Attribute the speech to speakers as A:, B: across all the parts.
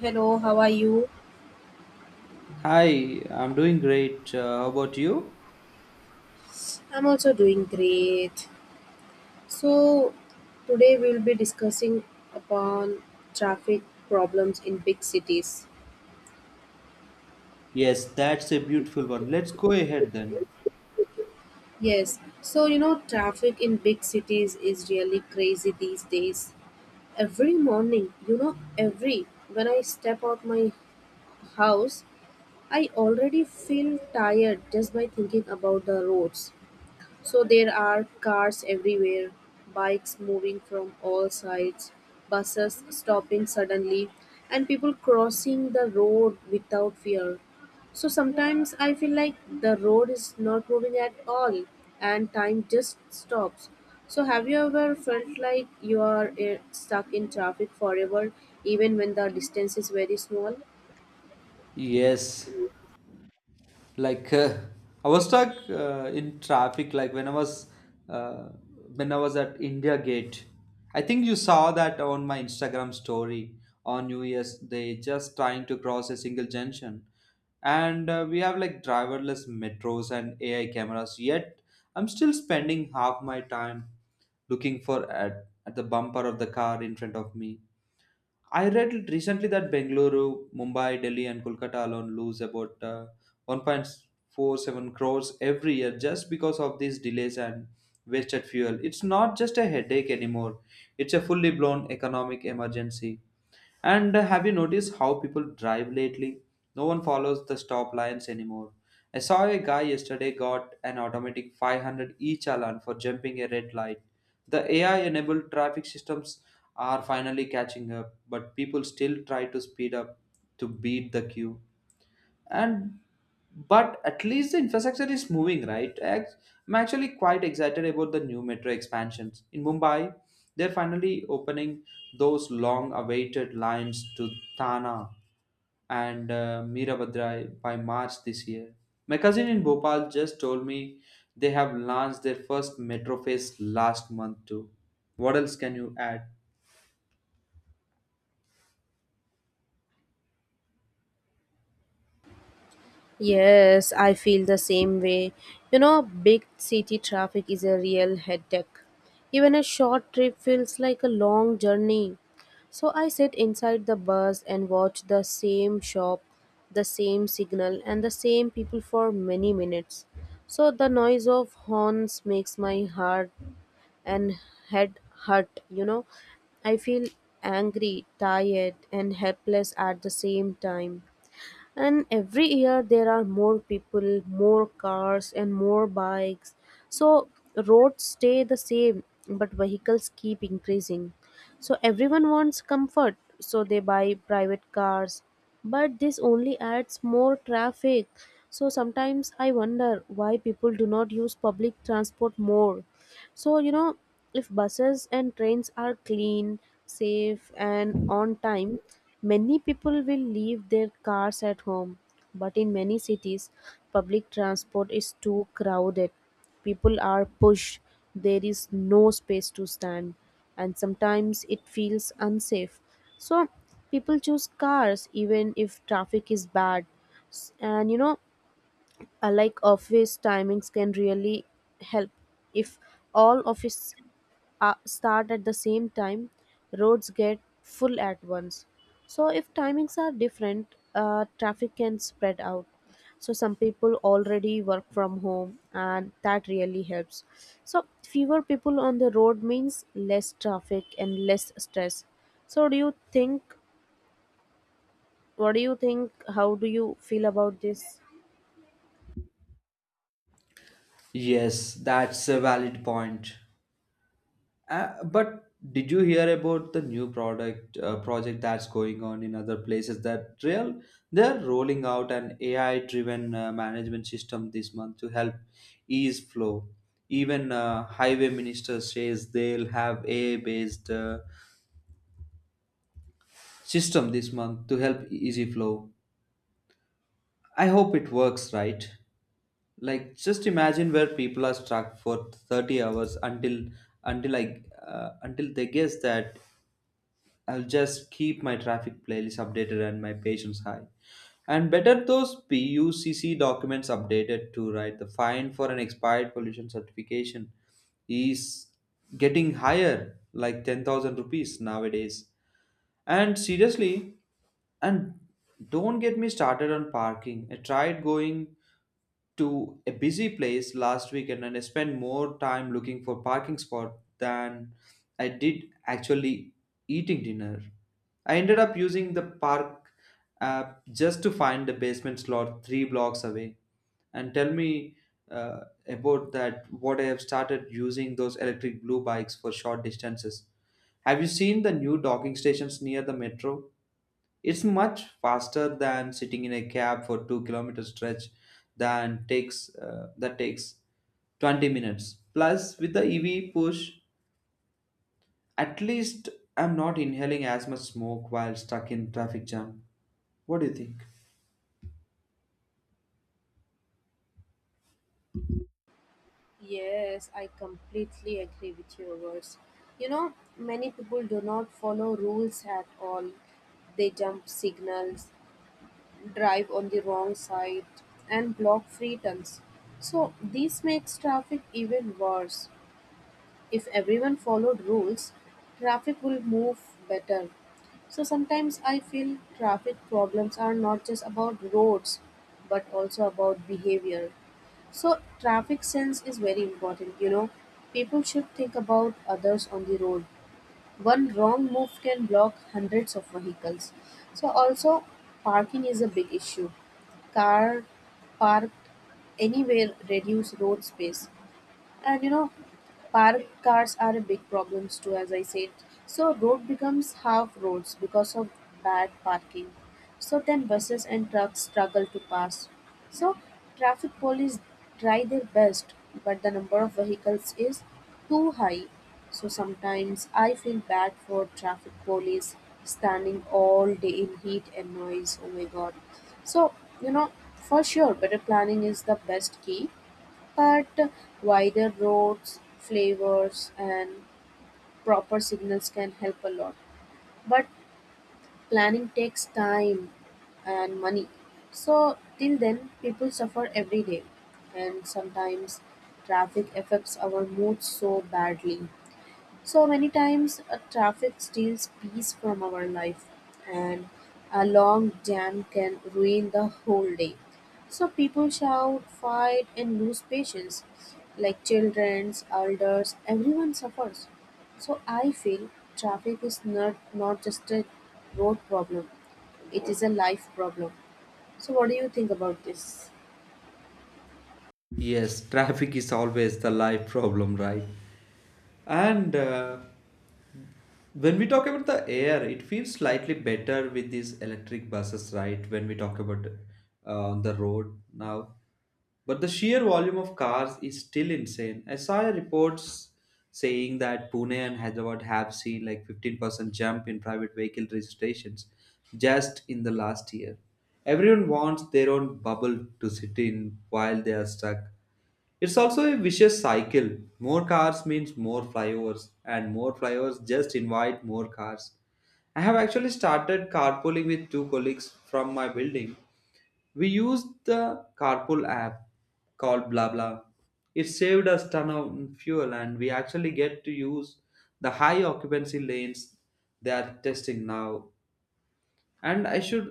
A: Hello, how are you?
B: Hi, I'm doing great. How about you?
A: I'm also doing great. So, today we'll be discussing upon traffic problems in big cities.
B: Yes, that's a beautiful one. Let's go ahead then.
A: Traffic in big cities is really crazy these days. Every morning, you know, every when I step out my house, I already feel tired just by thinking about the roads. There are cars everywhere, bikes moving from all sides, buses stopping suddenly, and people crossing the road without fear. Sometimes I feel like the road is not moving at all and time just stops. Have you ever felt like you are stuck in traffic forever even when the distance is very small?
B: Yes, like I was stuck in traffic like uh, when I was at India Gate. I think you saw that on my Instagram story on New Year's Day, just trying to cross a single junction. And we have like driverless metros and AI cameras, yet I'm still spending half my time looking at the bumper of the car in front of me. I read recently that Bengaluru, Mumbai, Delhi, and Kolkata alone lose about 1.47 crores every year just because of these delays and wasted fuel. It's not just a headache anymore, it's a fully blown economic emergency. And have you noticed how people drive lately? No one follows the stop lines anymore. I saw a guy yesterday got an automatic 500 each alone for jumping a red light. The AI enabled traffic systems are finally catching up, but people still try to speed up to beat the queue. And but at least the infrastructure is moving right I'm actually quite excited about the new metro expansions in Mumbai. They're finally opening those long awaited lines to Tana and Mirabadrai by March this year. My cousin in Bhopal just told me they have launched their first metro phase last month too. What else can you add?
A: Yes, I feel the same way. You know, big city traffic is a real headache. Even a short trip feels like a long journey. I sit inside the bus and watch the same shop, the same signal, and the same people for many minutes. The noise of horns makes my heart and head hurt. I feel angry, tired, and helpless at the same time. And every year there are more people, more cars, and more bikes. so Roads stay the same but vehicles keep increasing. Everyone wants comfort, so they buy private cars, but this only adds more traffic. Sometimes I wonder why people do not use public transport more. so, you know, if buses and trains are clean, safe, and on time, many people will leave their cars at home. But in many cities, public transport is too crowded. People are pushed, there is no space to stand, and sometimes it feels unsafe. So, people choose cars even if traffic is bad. S- And you know, like office timings can really help. If all office start at the same time, roads get full at once. If timings are different, traffic can spread out. Some people already work from home and that really helps. Fewer people on the road means less traffic and less stress. So do you think What do you think? How do you feel about this?
B: Yes, that's a valid point. But did you hear about the new product project that's going on in other places? That real, they're rolling out an AI driven management system this month to help ease flow. Even highway minister says they'll have AI based system this month to help easy flow. I hope it works right. Like just imagine where people are stuck for 30 hours until until they guess that. I'll just keep my traffic playlist updated and my patience high. And better those PUCC documents updated to right? The fine for an expired pollution certification is getting higher, like 10,000 rupees nowadays. And seriously, and don't get me started on parking. I tried going to a busy place last weekend and I spent more time looking for parking spot than I did actually eating dinner. I ended up using the park app just to find the basement slot three blocks away. And tell me uh, about that. What I have started using those electric blue bikes for short distances. Have you seen the new docking stations near the metro? It's much faster than sitting in a cab for 2 kilometer stretch than takes that takes 20 minutes. Plus, with the EV push, at least I'm not inhaling as much smoke while stuck in traffic jam. What do you think?
A: Yes, I completely agree with your words. You know, many people do not follow rules at all. They jump signals, drive on the wrong side, and block free turns. So, this makes traffic even worse. If everyone followed rules, traffic will move better. So sometimes I feel traffic problems are not just about roads but also about behavior. So traffic sense is very important, you know. People should think about others on the road. One wrong move can block hundreds of vehicles. So also parking is a big issue. Car parked anywhere reduce road space. And you know, parked cars are a big problem too, as I said. So road becomes half roads because of bad parking. So then buses and trucks struggle to pass. So traffic police try their best, but the number of vehicles is too high. So sometimes I feel bad for traffic police standing all day in heat and noise. Oh my god. So, you know, for sure, better planning is the best key. But wider roads, flavors, and proper signals can help a lot. But planning takes time and money. So till then people suffer every day, and sometimes traffic affects our mood so badly. So many times traffic steals peace from our life, and a long jam can ruin the whole day. So people shout, fight, and lose patience. Like children, elders, everyone suffers. So I feel traffic is not just a road problem, it is a life problem. So, what do you think about this?
B: Yes, traffic is always the life problem, right? And when we talk about the air, it feels slightly better with these electric buses, right? When we talk about on the road now, but the sheer volume of cars is still insane. I saw reports saying that Pune and Hyderabad have seen like 15% jump in private vehicle registrations just in the last year. Everyone wants their own bubble to sit in while they are stuck. It's also a vicious cycle. More cars means more flyovers, and more flyovers just invite more cars. I have actually started carpooling with two colleagues from my building. We used the carpool app called BlaBla. It saved us ton of fuel, and we actually get to use the high occupancy lanes they are testing now. And i should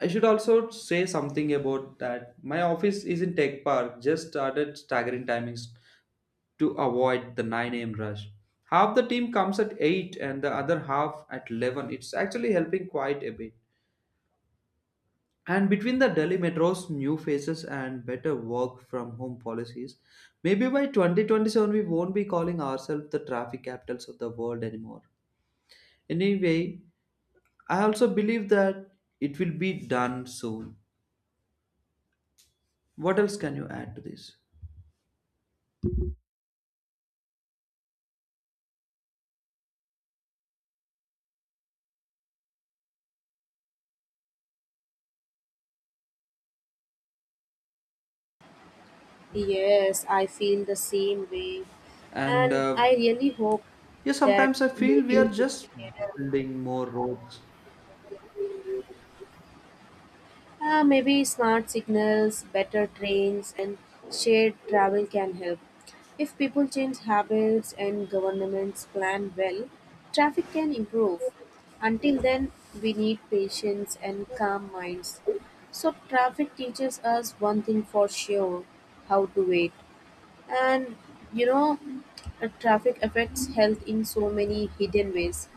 B: i should also say something about that. My office is in tech park, just started staggering timings to avoid the 9 a.m. rush. Half the team comes at 8 and the other half at 11. It's actually helping quite a bit. And between the Delhi metro's new faces and better work from home policies, maybe by 2027 we won't be calling ourselves the traffic capitals of the world anymore. Anyway, I also believe that it will be done soon. What else can you add to this?
A: Yes, I feel the same way.
B: And
A: And I really hope
B: yeah,
A: that
B: sometimes I feel we are
A: maybe
B: just building more roads.
A: Maybe smart signals, better trains, and shared travel can help. If people change habits and governments plan well, traffic can improve. Until then, we need patience and calm minds. So, traffic teaches us one thing for sure: how to wait. And you know, traffic affects health in so many hidden ways.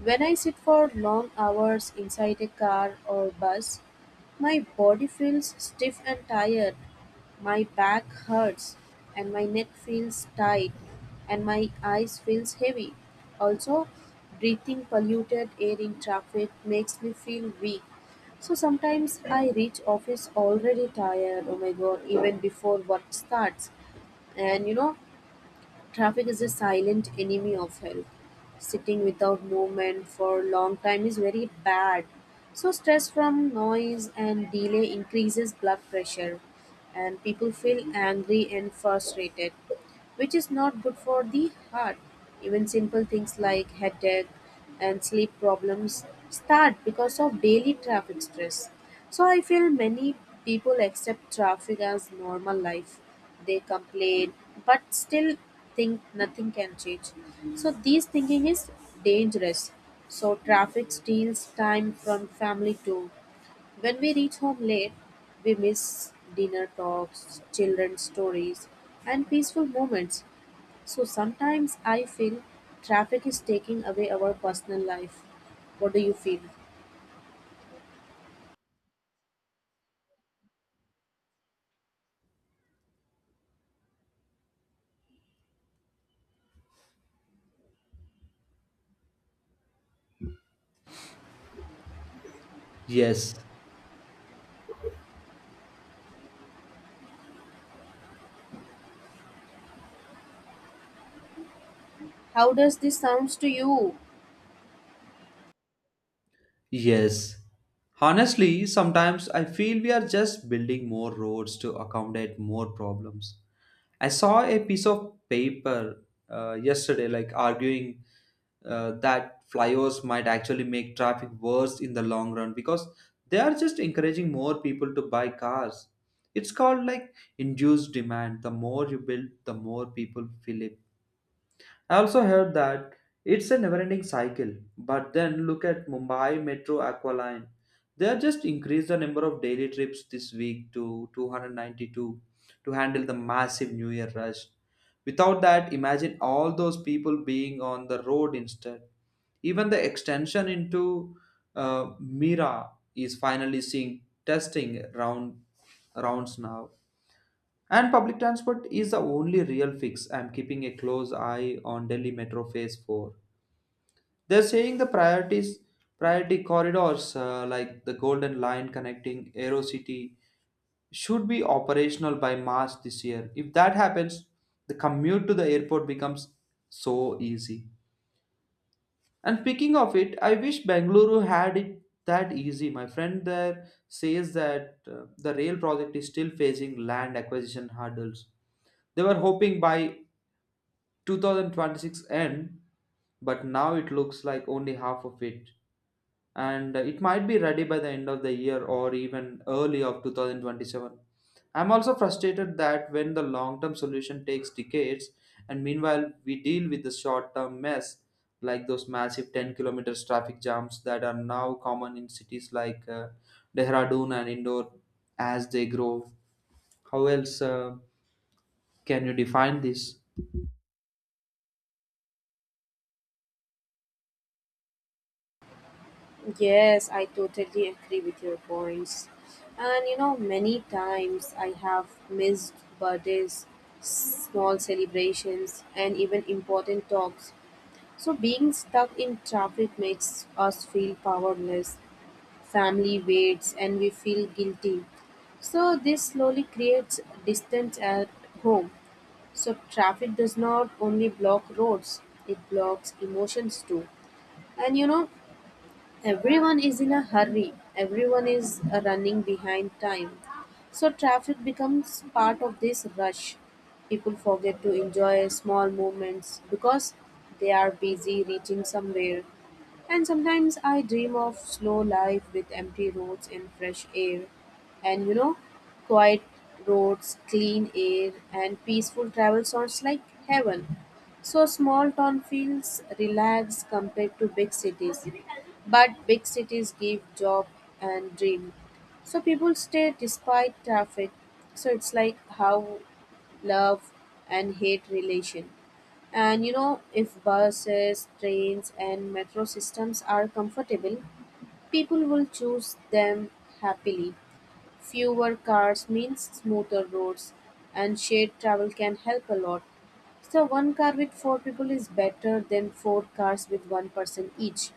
A: When I sit for long hours inside a car or bus, my body feels stiff and tired, my back hurts, and my neck feels tight, and my eyes feels heavy. Also, breathing polluted air in traffic makes me feel weak. So sometimes I reach office already tired. Oh my god, even before work starts. And you know, traffic is a silent enemy of health. Sitting without movement for a long time is very bad. So stress from noise and delay increases blood pressure and people feel angry and frustrated, which is not good for the heart. Even simple things like headache and sleep problems start because of daily traffic stress. So I feel many people accept traffic as normal life. They complain but still think nothing can change. So this thinking is dangerous. So traffic steals time from family too. When we reach home late, we miss dinner talks, children's stories, and peaceful moments. So sometimes I feel traffic is taking away our personal life. What do you feel?
B: Yes,
A: How does this sounds to you?
B: yes. Honestly, sometimes I feel we are just building more roads to accommodate more problems. I saw a piece of paper yesterday, like arguing that flyovers might actually make traffic worse in the long run because they are just encouraging more people to buy cars. It's called like induced demand. The more you build, the more people feel it. I also heard that it's a never-ending cycle. But then look at Mumbai Metro Aqualine. They have just increased the number of daily trips this week to 292 to handle the massive New Year rush. Without that, imagine all those people being on the road instead. Even the extension into Mira is finally seeing testing round rounds now. And public transport is the only real fix. I'm keeping a close eye on Delhi Metro Phase 4. They're saying the priority corridors like the Golden Line connecting Aero City should be operational by March this year. If that happens, the commute to the airport becomes so easy. And speaking of it, I wish Bengaluru had it that easy. My friend there says that the rail project is still facing land acquisition hurdles. They were hoping by 2026 end, but now it looks like only half of it. And it might be ready by the end of the year or even early of 2027. I'm also frustrated that when the long term solution takes decades, and meanwhile, we deal with the short term mess like those massive 10 kilometers traffic jams that are now common in cities like Dehradun and Indore as they grow. How else can you define this?
A: Yes, I totally agree with your points. And you know, many times I have missed birthdays, small celebrations, and even important talks. So being stuck in traffic makes us feel powerless. Family waits and we feel guilty. So this slowly creates distance at home. So traffic does not only block roads, it blocks emotions too. And you know, everyone is in a hurry, everyone is running behind time. So, traffic becomes part of this rush. People forget to enjoy small moments because they are busy reaching somewhere. And sometimes I dream of slow life with empty roads and fresh air. And you know, quiet roads, clean air, and peaceful travel sounds like heaven. So small town feels relaxed compared to big cities. But big cities give job and dream. So people stay despite traffic. So it's like how love and hate relation. And you know, if buses, trains, and metro systems are comfortable, people will choose them happily. Fewer cars means smoother roads, and shared travel can help a lot. So, one car with four people is better than four cars with one person each.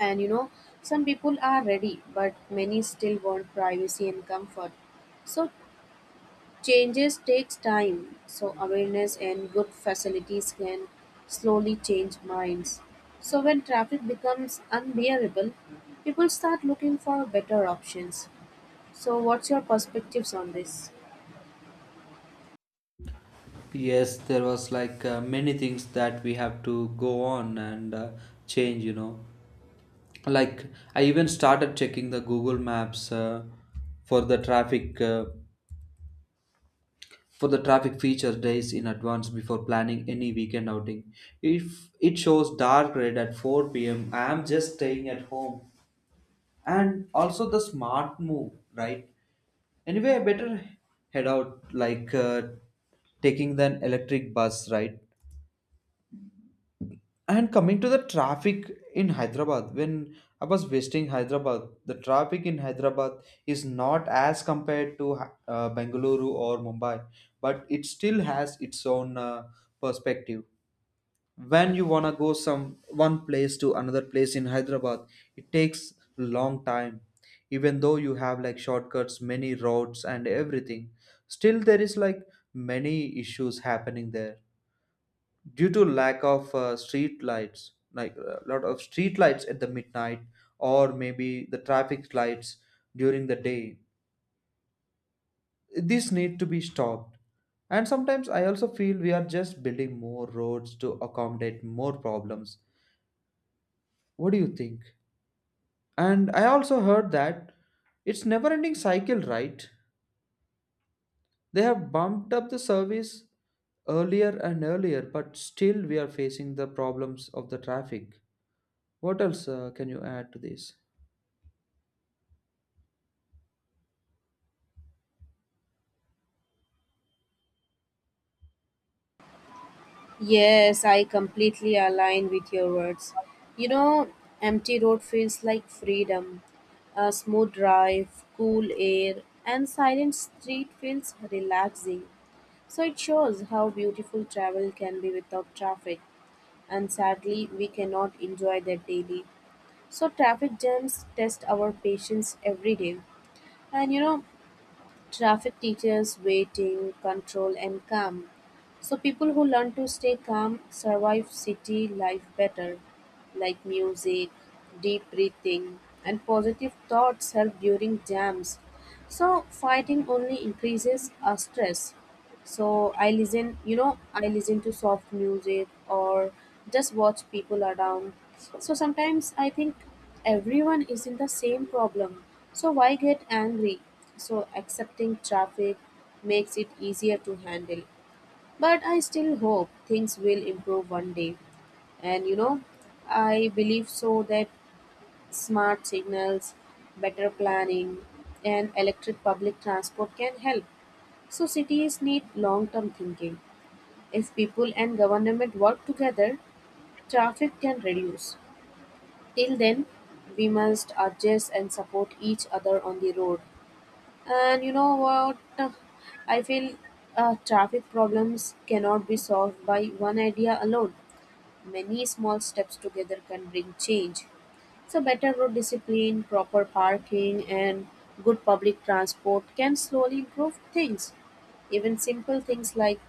A: And you know, some people are ready, but many still want privacy and comfort. So changes takes time. So awareness and good facilities can slowly change minds. So when traffic becomes unbearable, people start looking for better options. So what's your perspectives on this?
B: Yes, there was like many things that we have to go on and change, you know. Like, I even started checking the Google Maps for the traffic. For the traffic feature days in advance before planning any weekend outing. If it shows dark red at 4 p.m., I am just staying at home. And also the smart move, right? Anyway, I better head out like taking the electric bus, right? And coming to the traffic in Hyderabad, when I was visiting Hyderabad, the traffic in Hyderabad is not as compared to Bengaluru or Mumbai, but it still has its own perspective. When you wanna go some one place to another place in Hyderabad, it takes long time. Even though you have like shortcuts, many roads and everything, still there is like many issues happening there due to lack of street lights, like a lot of street lights at the midnight or maybe the traffic lights during the day. These need to be stopped. And sometimes I also feel we are just building more roads to accommodate more problems. What do you think? And I also heard that it's never ending cycle, right? They have bumped up the service earlier and earlier, but still we are facing the problems of the traffic. What else can you add to this?
A: Yes, I completely align with your words. You know, empty road feels like freedom. A smooth drive, cool air, and silent street feels relaxing. So it shows how beautiful travel can be without traffic, and sadly, we cannot enjoy that daily. So traffic jams test our patience every day. And you know, traffic teaches waiting, control, and calm. So, people who learn to stay calm survive city life better, like music, deep breathing, and positive thoughts help during jams. So, fighting only increases our stress. So, I listen to soft music or just watch people around. So sometimes I think everyone is in the same problem. So why get angry? So accepting traffic makes it easier to handle. But I still hope things will improve one day. And you know, I believe so that smart signals, better planning, and electric public transport can help. So cities need long term thinking. If people and government work together, traffic can reduce. Till then, we must adjust and support each other on the road. And you know what? I feel traffic problems cannot be solved by one idea alone. Many small steps together can bring change. So, better road discipline, proper parking, and good public transport can slowly improve things. Even simple things like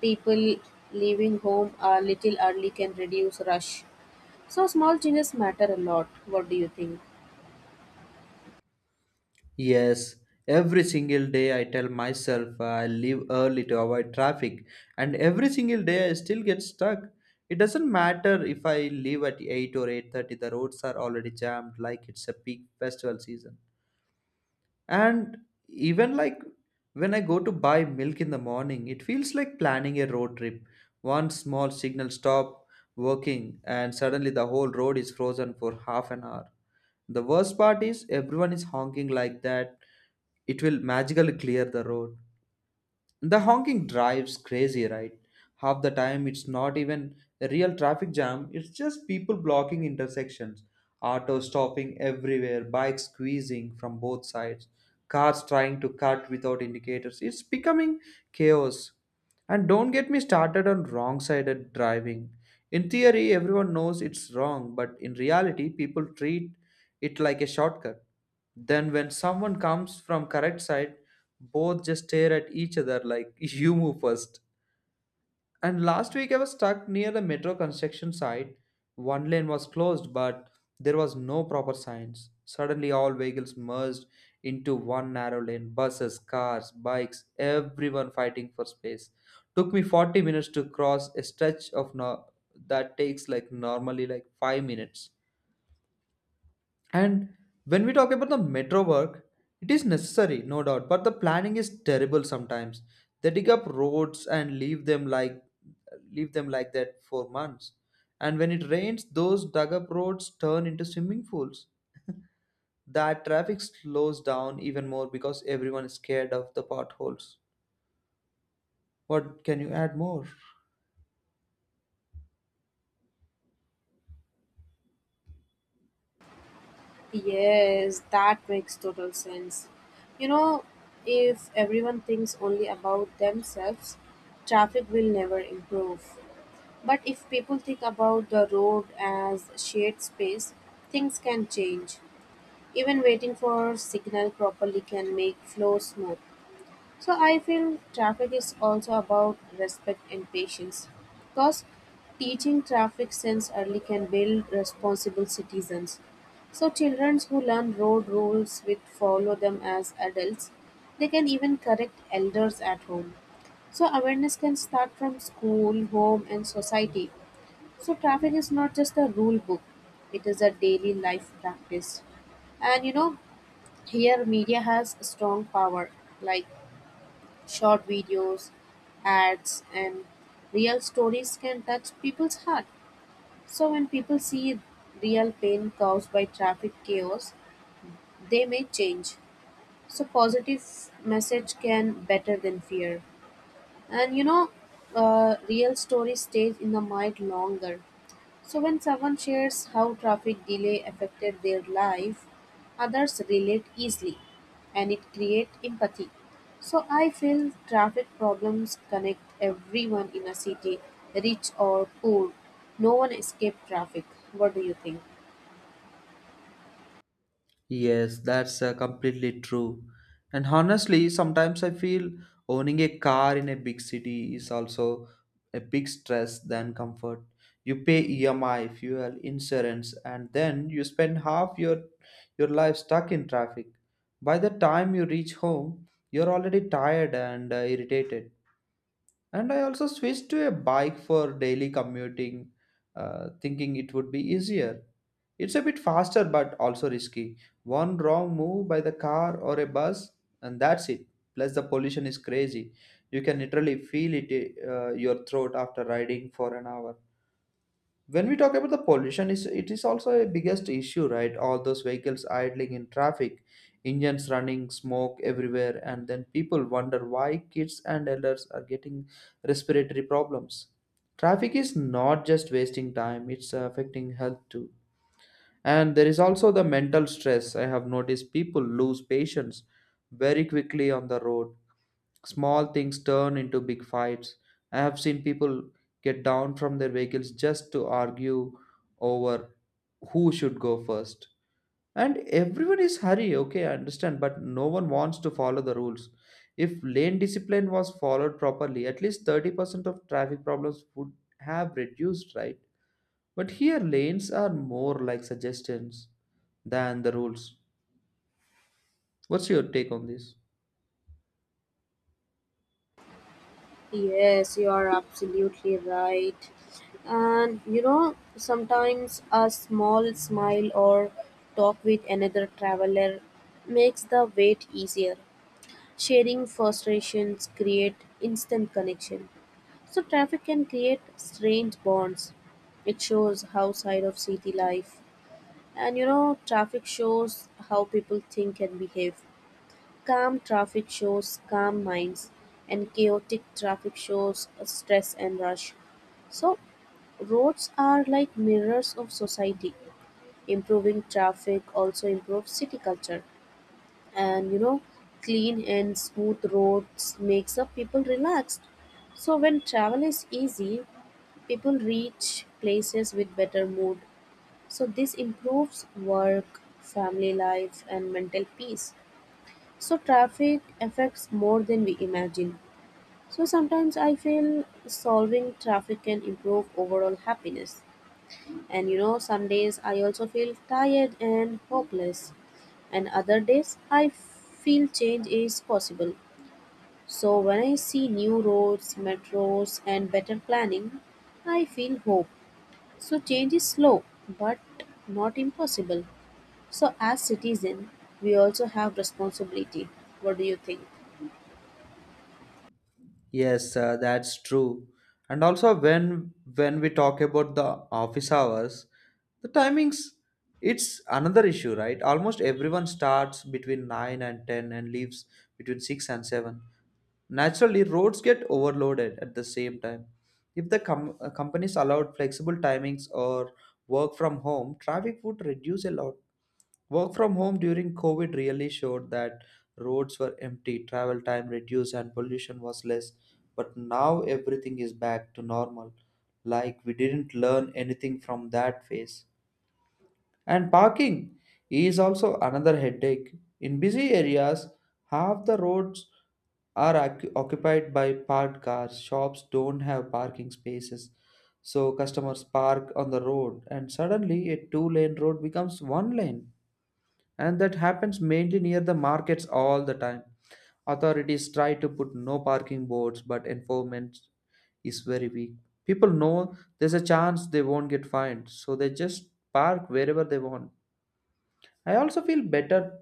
A: people leaving home a little early can reduce rush. So small changes matter a lot. What do you think?
B: Yes, every single day I tell myself I leave early to avoid traffic, and every single day I still get stuck. It doesn't matter if I leave at 8 or 8:30, the roads are already jammed like it's a peak festival season. And even like when I go to buy milk in the morning, it feels like planning a road trip. One small signal stop working, and suddenly the whole road is frozen for half an hour. The worst part is everyone is honking like that. It will magically clear the road. The honking drives crazy, right? Half the time it's not even a real traffic jam, it's just people blocking intersections, autos stopping everywhere, bikes squeezing from both sides, cars trying to cut without indicators. It's becoming chaos. And don't get me started on wrong sided driving. In theory, everyone knows it's wrong, but in reality, people treat it like a shortcut. Then when someone comes from correct side, both just stare at each other like you move first. And last week I was stuck near the metro construction site. One lane was closed, but there was no proper signs. Suddenly all vehicles merged into one narrow lane. Buses, cars, bikes, everyone fighting for space. Took me 40 minutes to cross a stretch of that takes like normally like 5 minutes. And when we talk about the metro work, it is necessary, no doubt, but the planning is terrible sometimes. They dig up roads and leave them like that for months. And when it rains, those dug up roads turn into swimming pools. That traffic slows down even more because everyone is scared of the potholes. What can you add more?
A: Yes, that makes total sense. You know, if everyone thinks only about themselves, traffic will never improve. But if people think about the road as shared space, things can change. Even waiting for signal properly can make flow smooth. So I feel traffic is also about respect and patience, because teaching traffic sense early can build responsible citizens. So children who learn road rules with follow them as adults, they can even correct elders at home. So awareness can start from school, home, and society. So traffic is not just a rule book; it is a daily life practice. And you know, here media has strong power. Like short videos, ads, and real stories can touch people's heart. So when people see real pain caused by traffic chaos, they may change. So positive message can better than fear. And you know, real stories stays in the mind longer. So when someone shares how traffic delay affected their life, others relate easily and it creates empathy. So I feel traffic problems connect everyone in a city, rich or poor. No one escapes traffic. What do you think?
B: Yes, that's completely true. And honestly, sometimes I feel owning a car in a big city is also a big stress than comfort. You pay EMI, fuel, insurance, and then you spend half your life stuck in traffic. By the time you reach home, you're already tired and irritated. And I also switched to a bike for daily commuting, thinking it would be easier. It's a bit faster but also risky. One wrong move by the car or a bus, and that's it. Plus, the pollution is crazy. You can literally feel it your throat after riding for an hour. When we talk about the pollution, is it is also a biggest issue, right? All those vehicles idling in traffic, engines running, smoke everywhere, and then people wonder why kids and elders are getting respiratory problems. Traffic is not just wasting time, it's affecting health too. And there is also the mental stress. I have noticed people lose patience very quickly on the road. Small things turn into big fights. I have seen people get down from their vehicles just to argue over who should go first. And everyone is hurry, okay, I understand, but no one wants to follow the rules. If lane discipline was followed properly, at least 30% of traffic problems would have reduced, right? But here, lanes are more like suggestions than the rules. What's your take on this?
A: Yes, you are absolutely right. And you know, sometimes a small smile or talk with another traveler makes the wait easier. Sharing frustrations create instant connection. So traffic can create strange bonds. It shows how side of city life. And you know, traffic shows how people think and behave. Calm traffic shows calm minds and chaotic traffic shows stress and rush. So roads are like mirrors of society. Improving traffic also improves city culture. And you know, clean and smooth roads makes up people relaxed. So when travel is easy, people reach places with better mood. So this improves work, family life, and mental peace. So traffic affects more than we imagine. So sometimes I feel solving traffic can improve overall happiness. And you know, some days I also feel tired and hopeless, and other days I feel change is possible. So, when I see new roads, metros, and better planning, I feel hope. So, change is slow but not impossible. So, as citizen, we also have responsibility. What do you think?
B: Yes, that's true. And also when we talk about the office hours, the timings, it's another issue, right? Almost everyone starts between 9 and 10 and leaves between 6 and 7. Naturally, roads get overloaded at the same time. If the companies allowed flexible timings or work from home, traffic would reduce a lot. Work from home during COVID really showed that roads were empty, travel time reduced, and pollution was less. But now everything is back to normal. Like we didn't learn anything from that phase. And parking is also another headache. In busy areas, half the roads are occupied by parked cars. Shops don't have parking spaces. So customers park on the road, and suddenly a two-lane road becomes one lane, and that happens mainly near the markets all the time. Authorities try to put no parking boards, but enforcement is very weak. People know there's a chance they won't get fined, so they just park wherever they want. I also feel better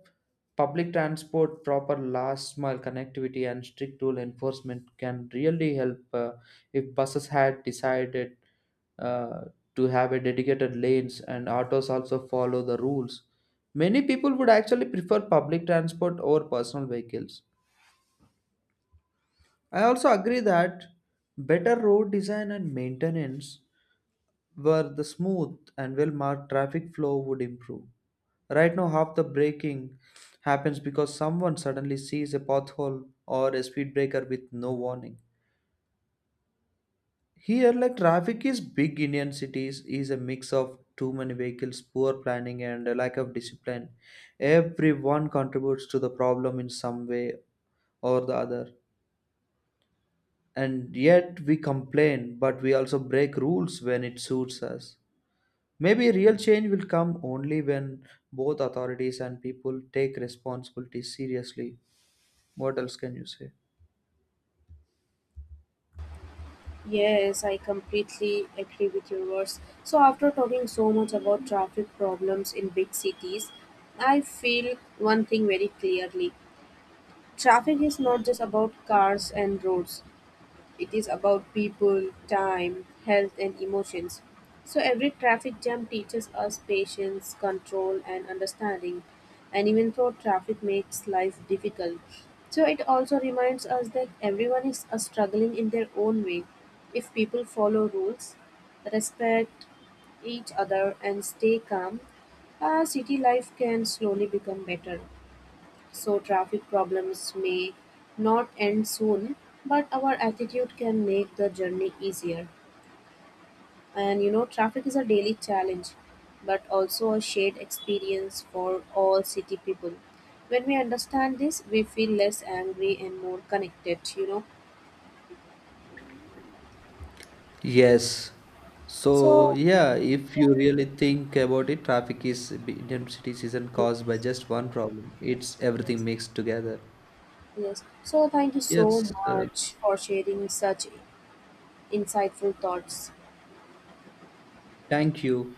B: public transport, proper last mile connectivity, and strict rule enforcement can really help. If buses had decided uh, to have a dedicated lanes and autos also follow the rules. Many people would actually prefer public transport over personal vehicles. I also agree that better road design and maintenance, where the smooth and well marked traffic flow would improve. Right now, half the braking happens because someone suddenly sees a pothole or a speed breaker with no warning. Here, like traffic is big Indian cities is a mix of too many vehicles, poor planning, and a lack of discipline. Everyone contributes to the problem in some way or the other. And yet we complain, but we also break rules when it suits us. Maybe real change will come only when both authorities and people take responsibility seriously. What else can you say?
A: Yes, I completely agree with your words. So, after talking so much about traffic problems in big cities, I feel one thing very clearly. Traffic is not just about cars and roads, it is about people, time, health, and emotions. So every traffic jam teaches us patience, control, and understanding. And even though traffic makes life difficult, so it also reminds us that everyone is struggling in their own way. If people follow rules, respect each other, and stay calm, our city life can slowly become better. So traffic problems may not end soon, but our attitude can make the journey easier. And you know, traffic is a daily challenge, but also a shared experience for all city people. When we understand this, we feel less angry and more connected, you know.
B: Yes. So
A: So,
B: yeah, if you really think about it, traffic is Indian cities isn't caused by just one problem. It's everything mixed together.
A: yes. So, thank you so
B: Yes.
A: much for sharing such insightful thoughts.
B: Thank you.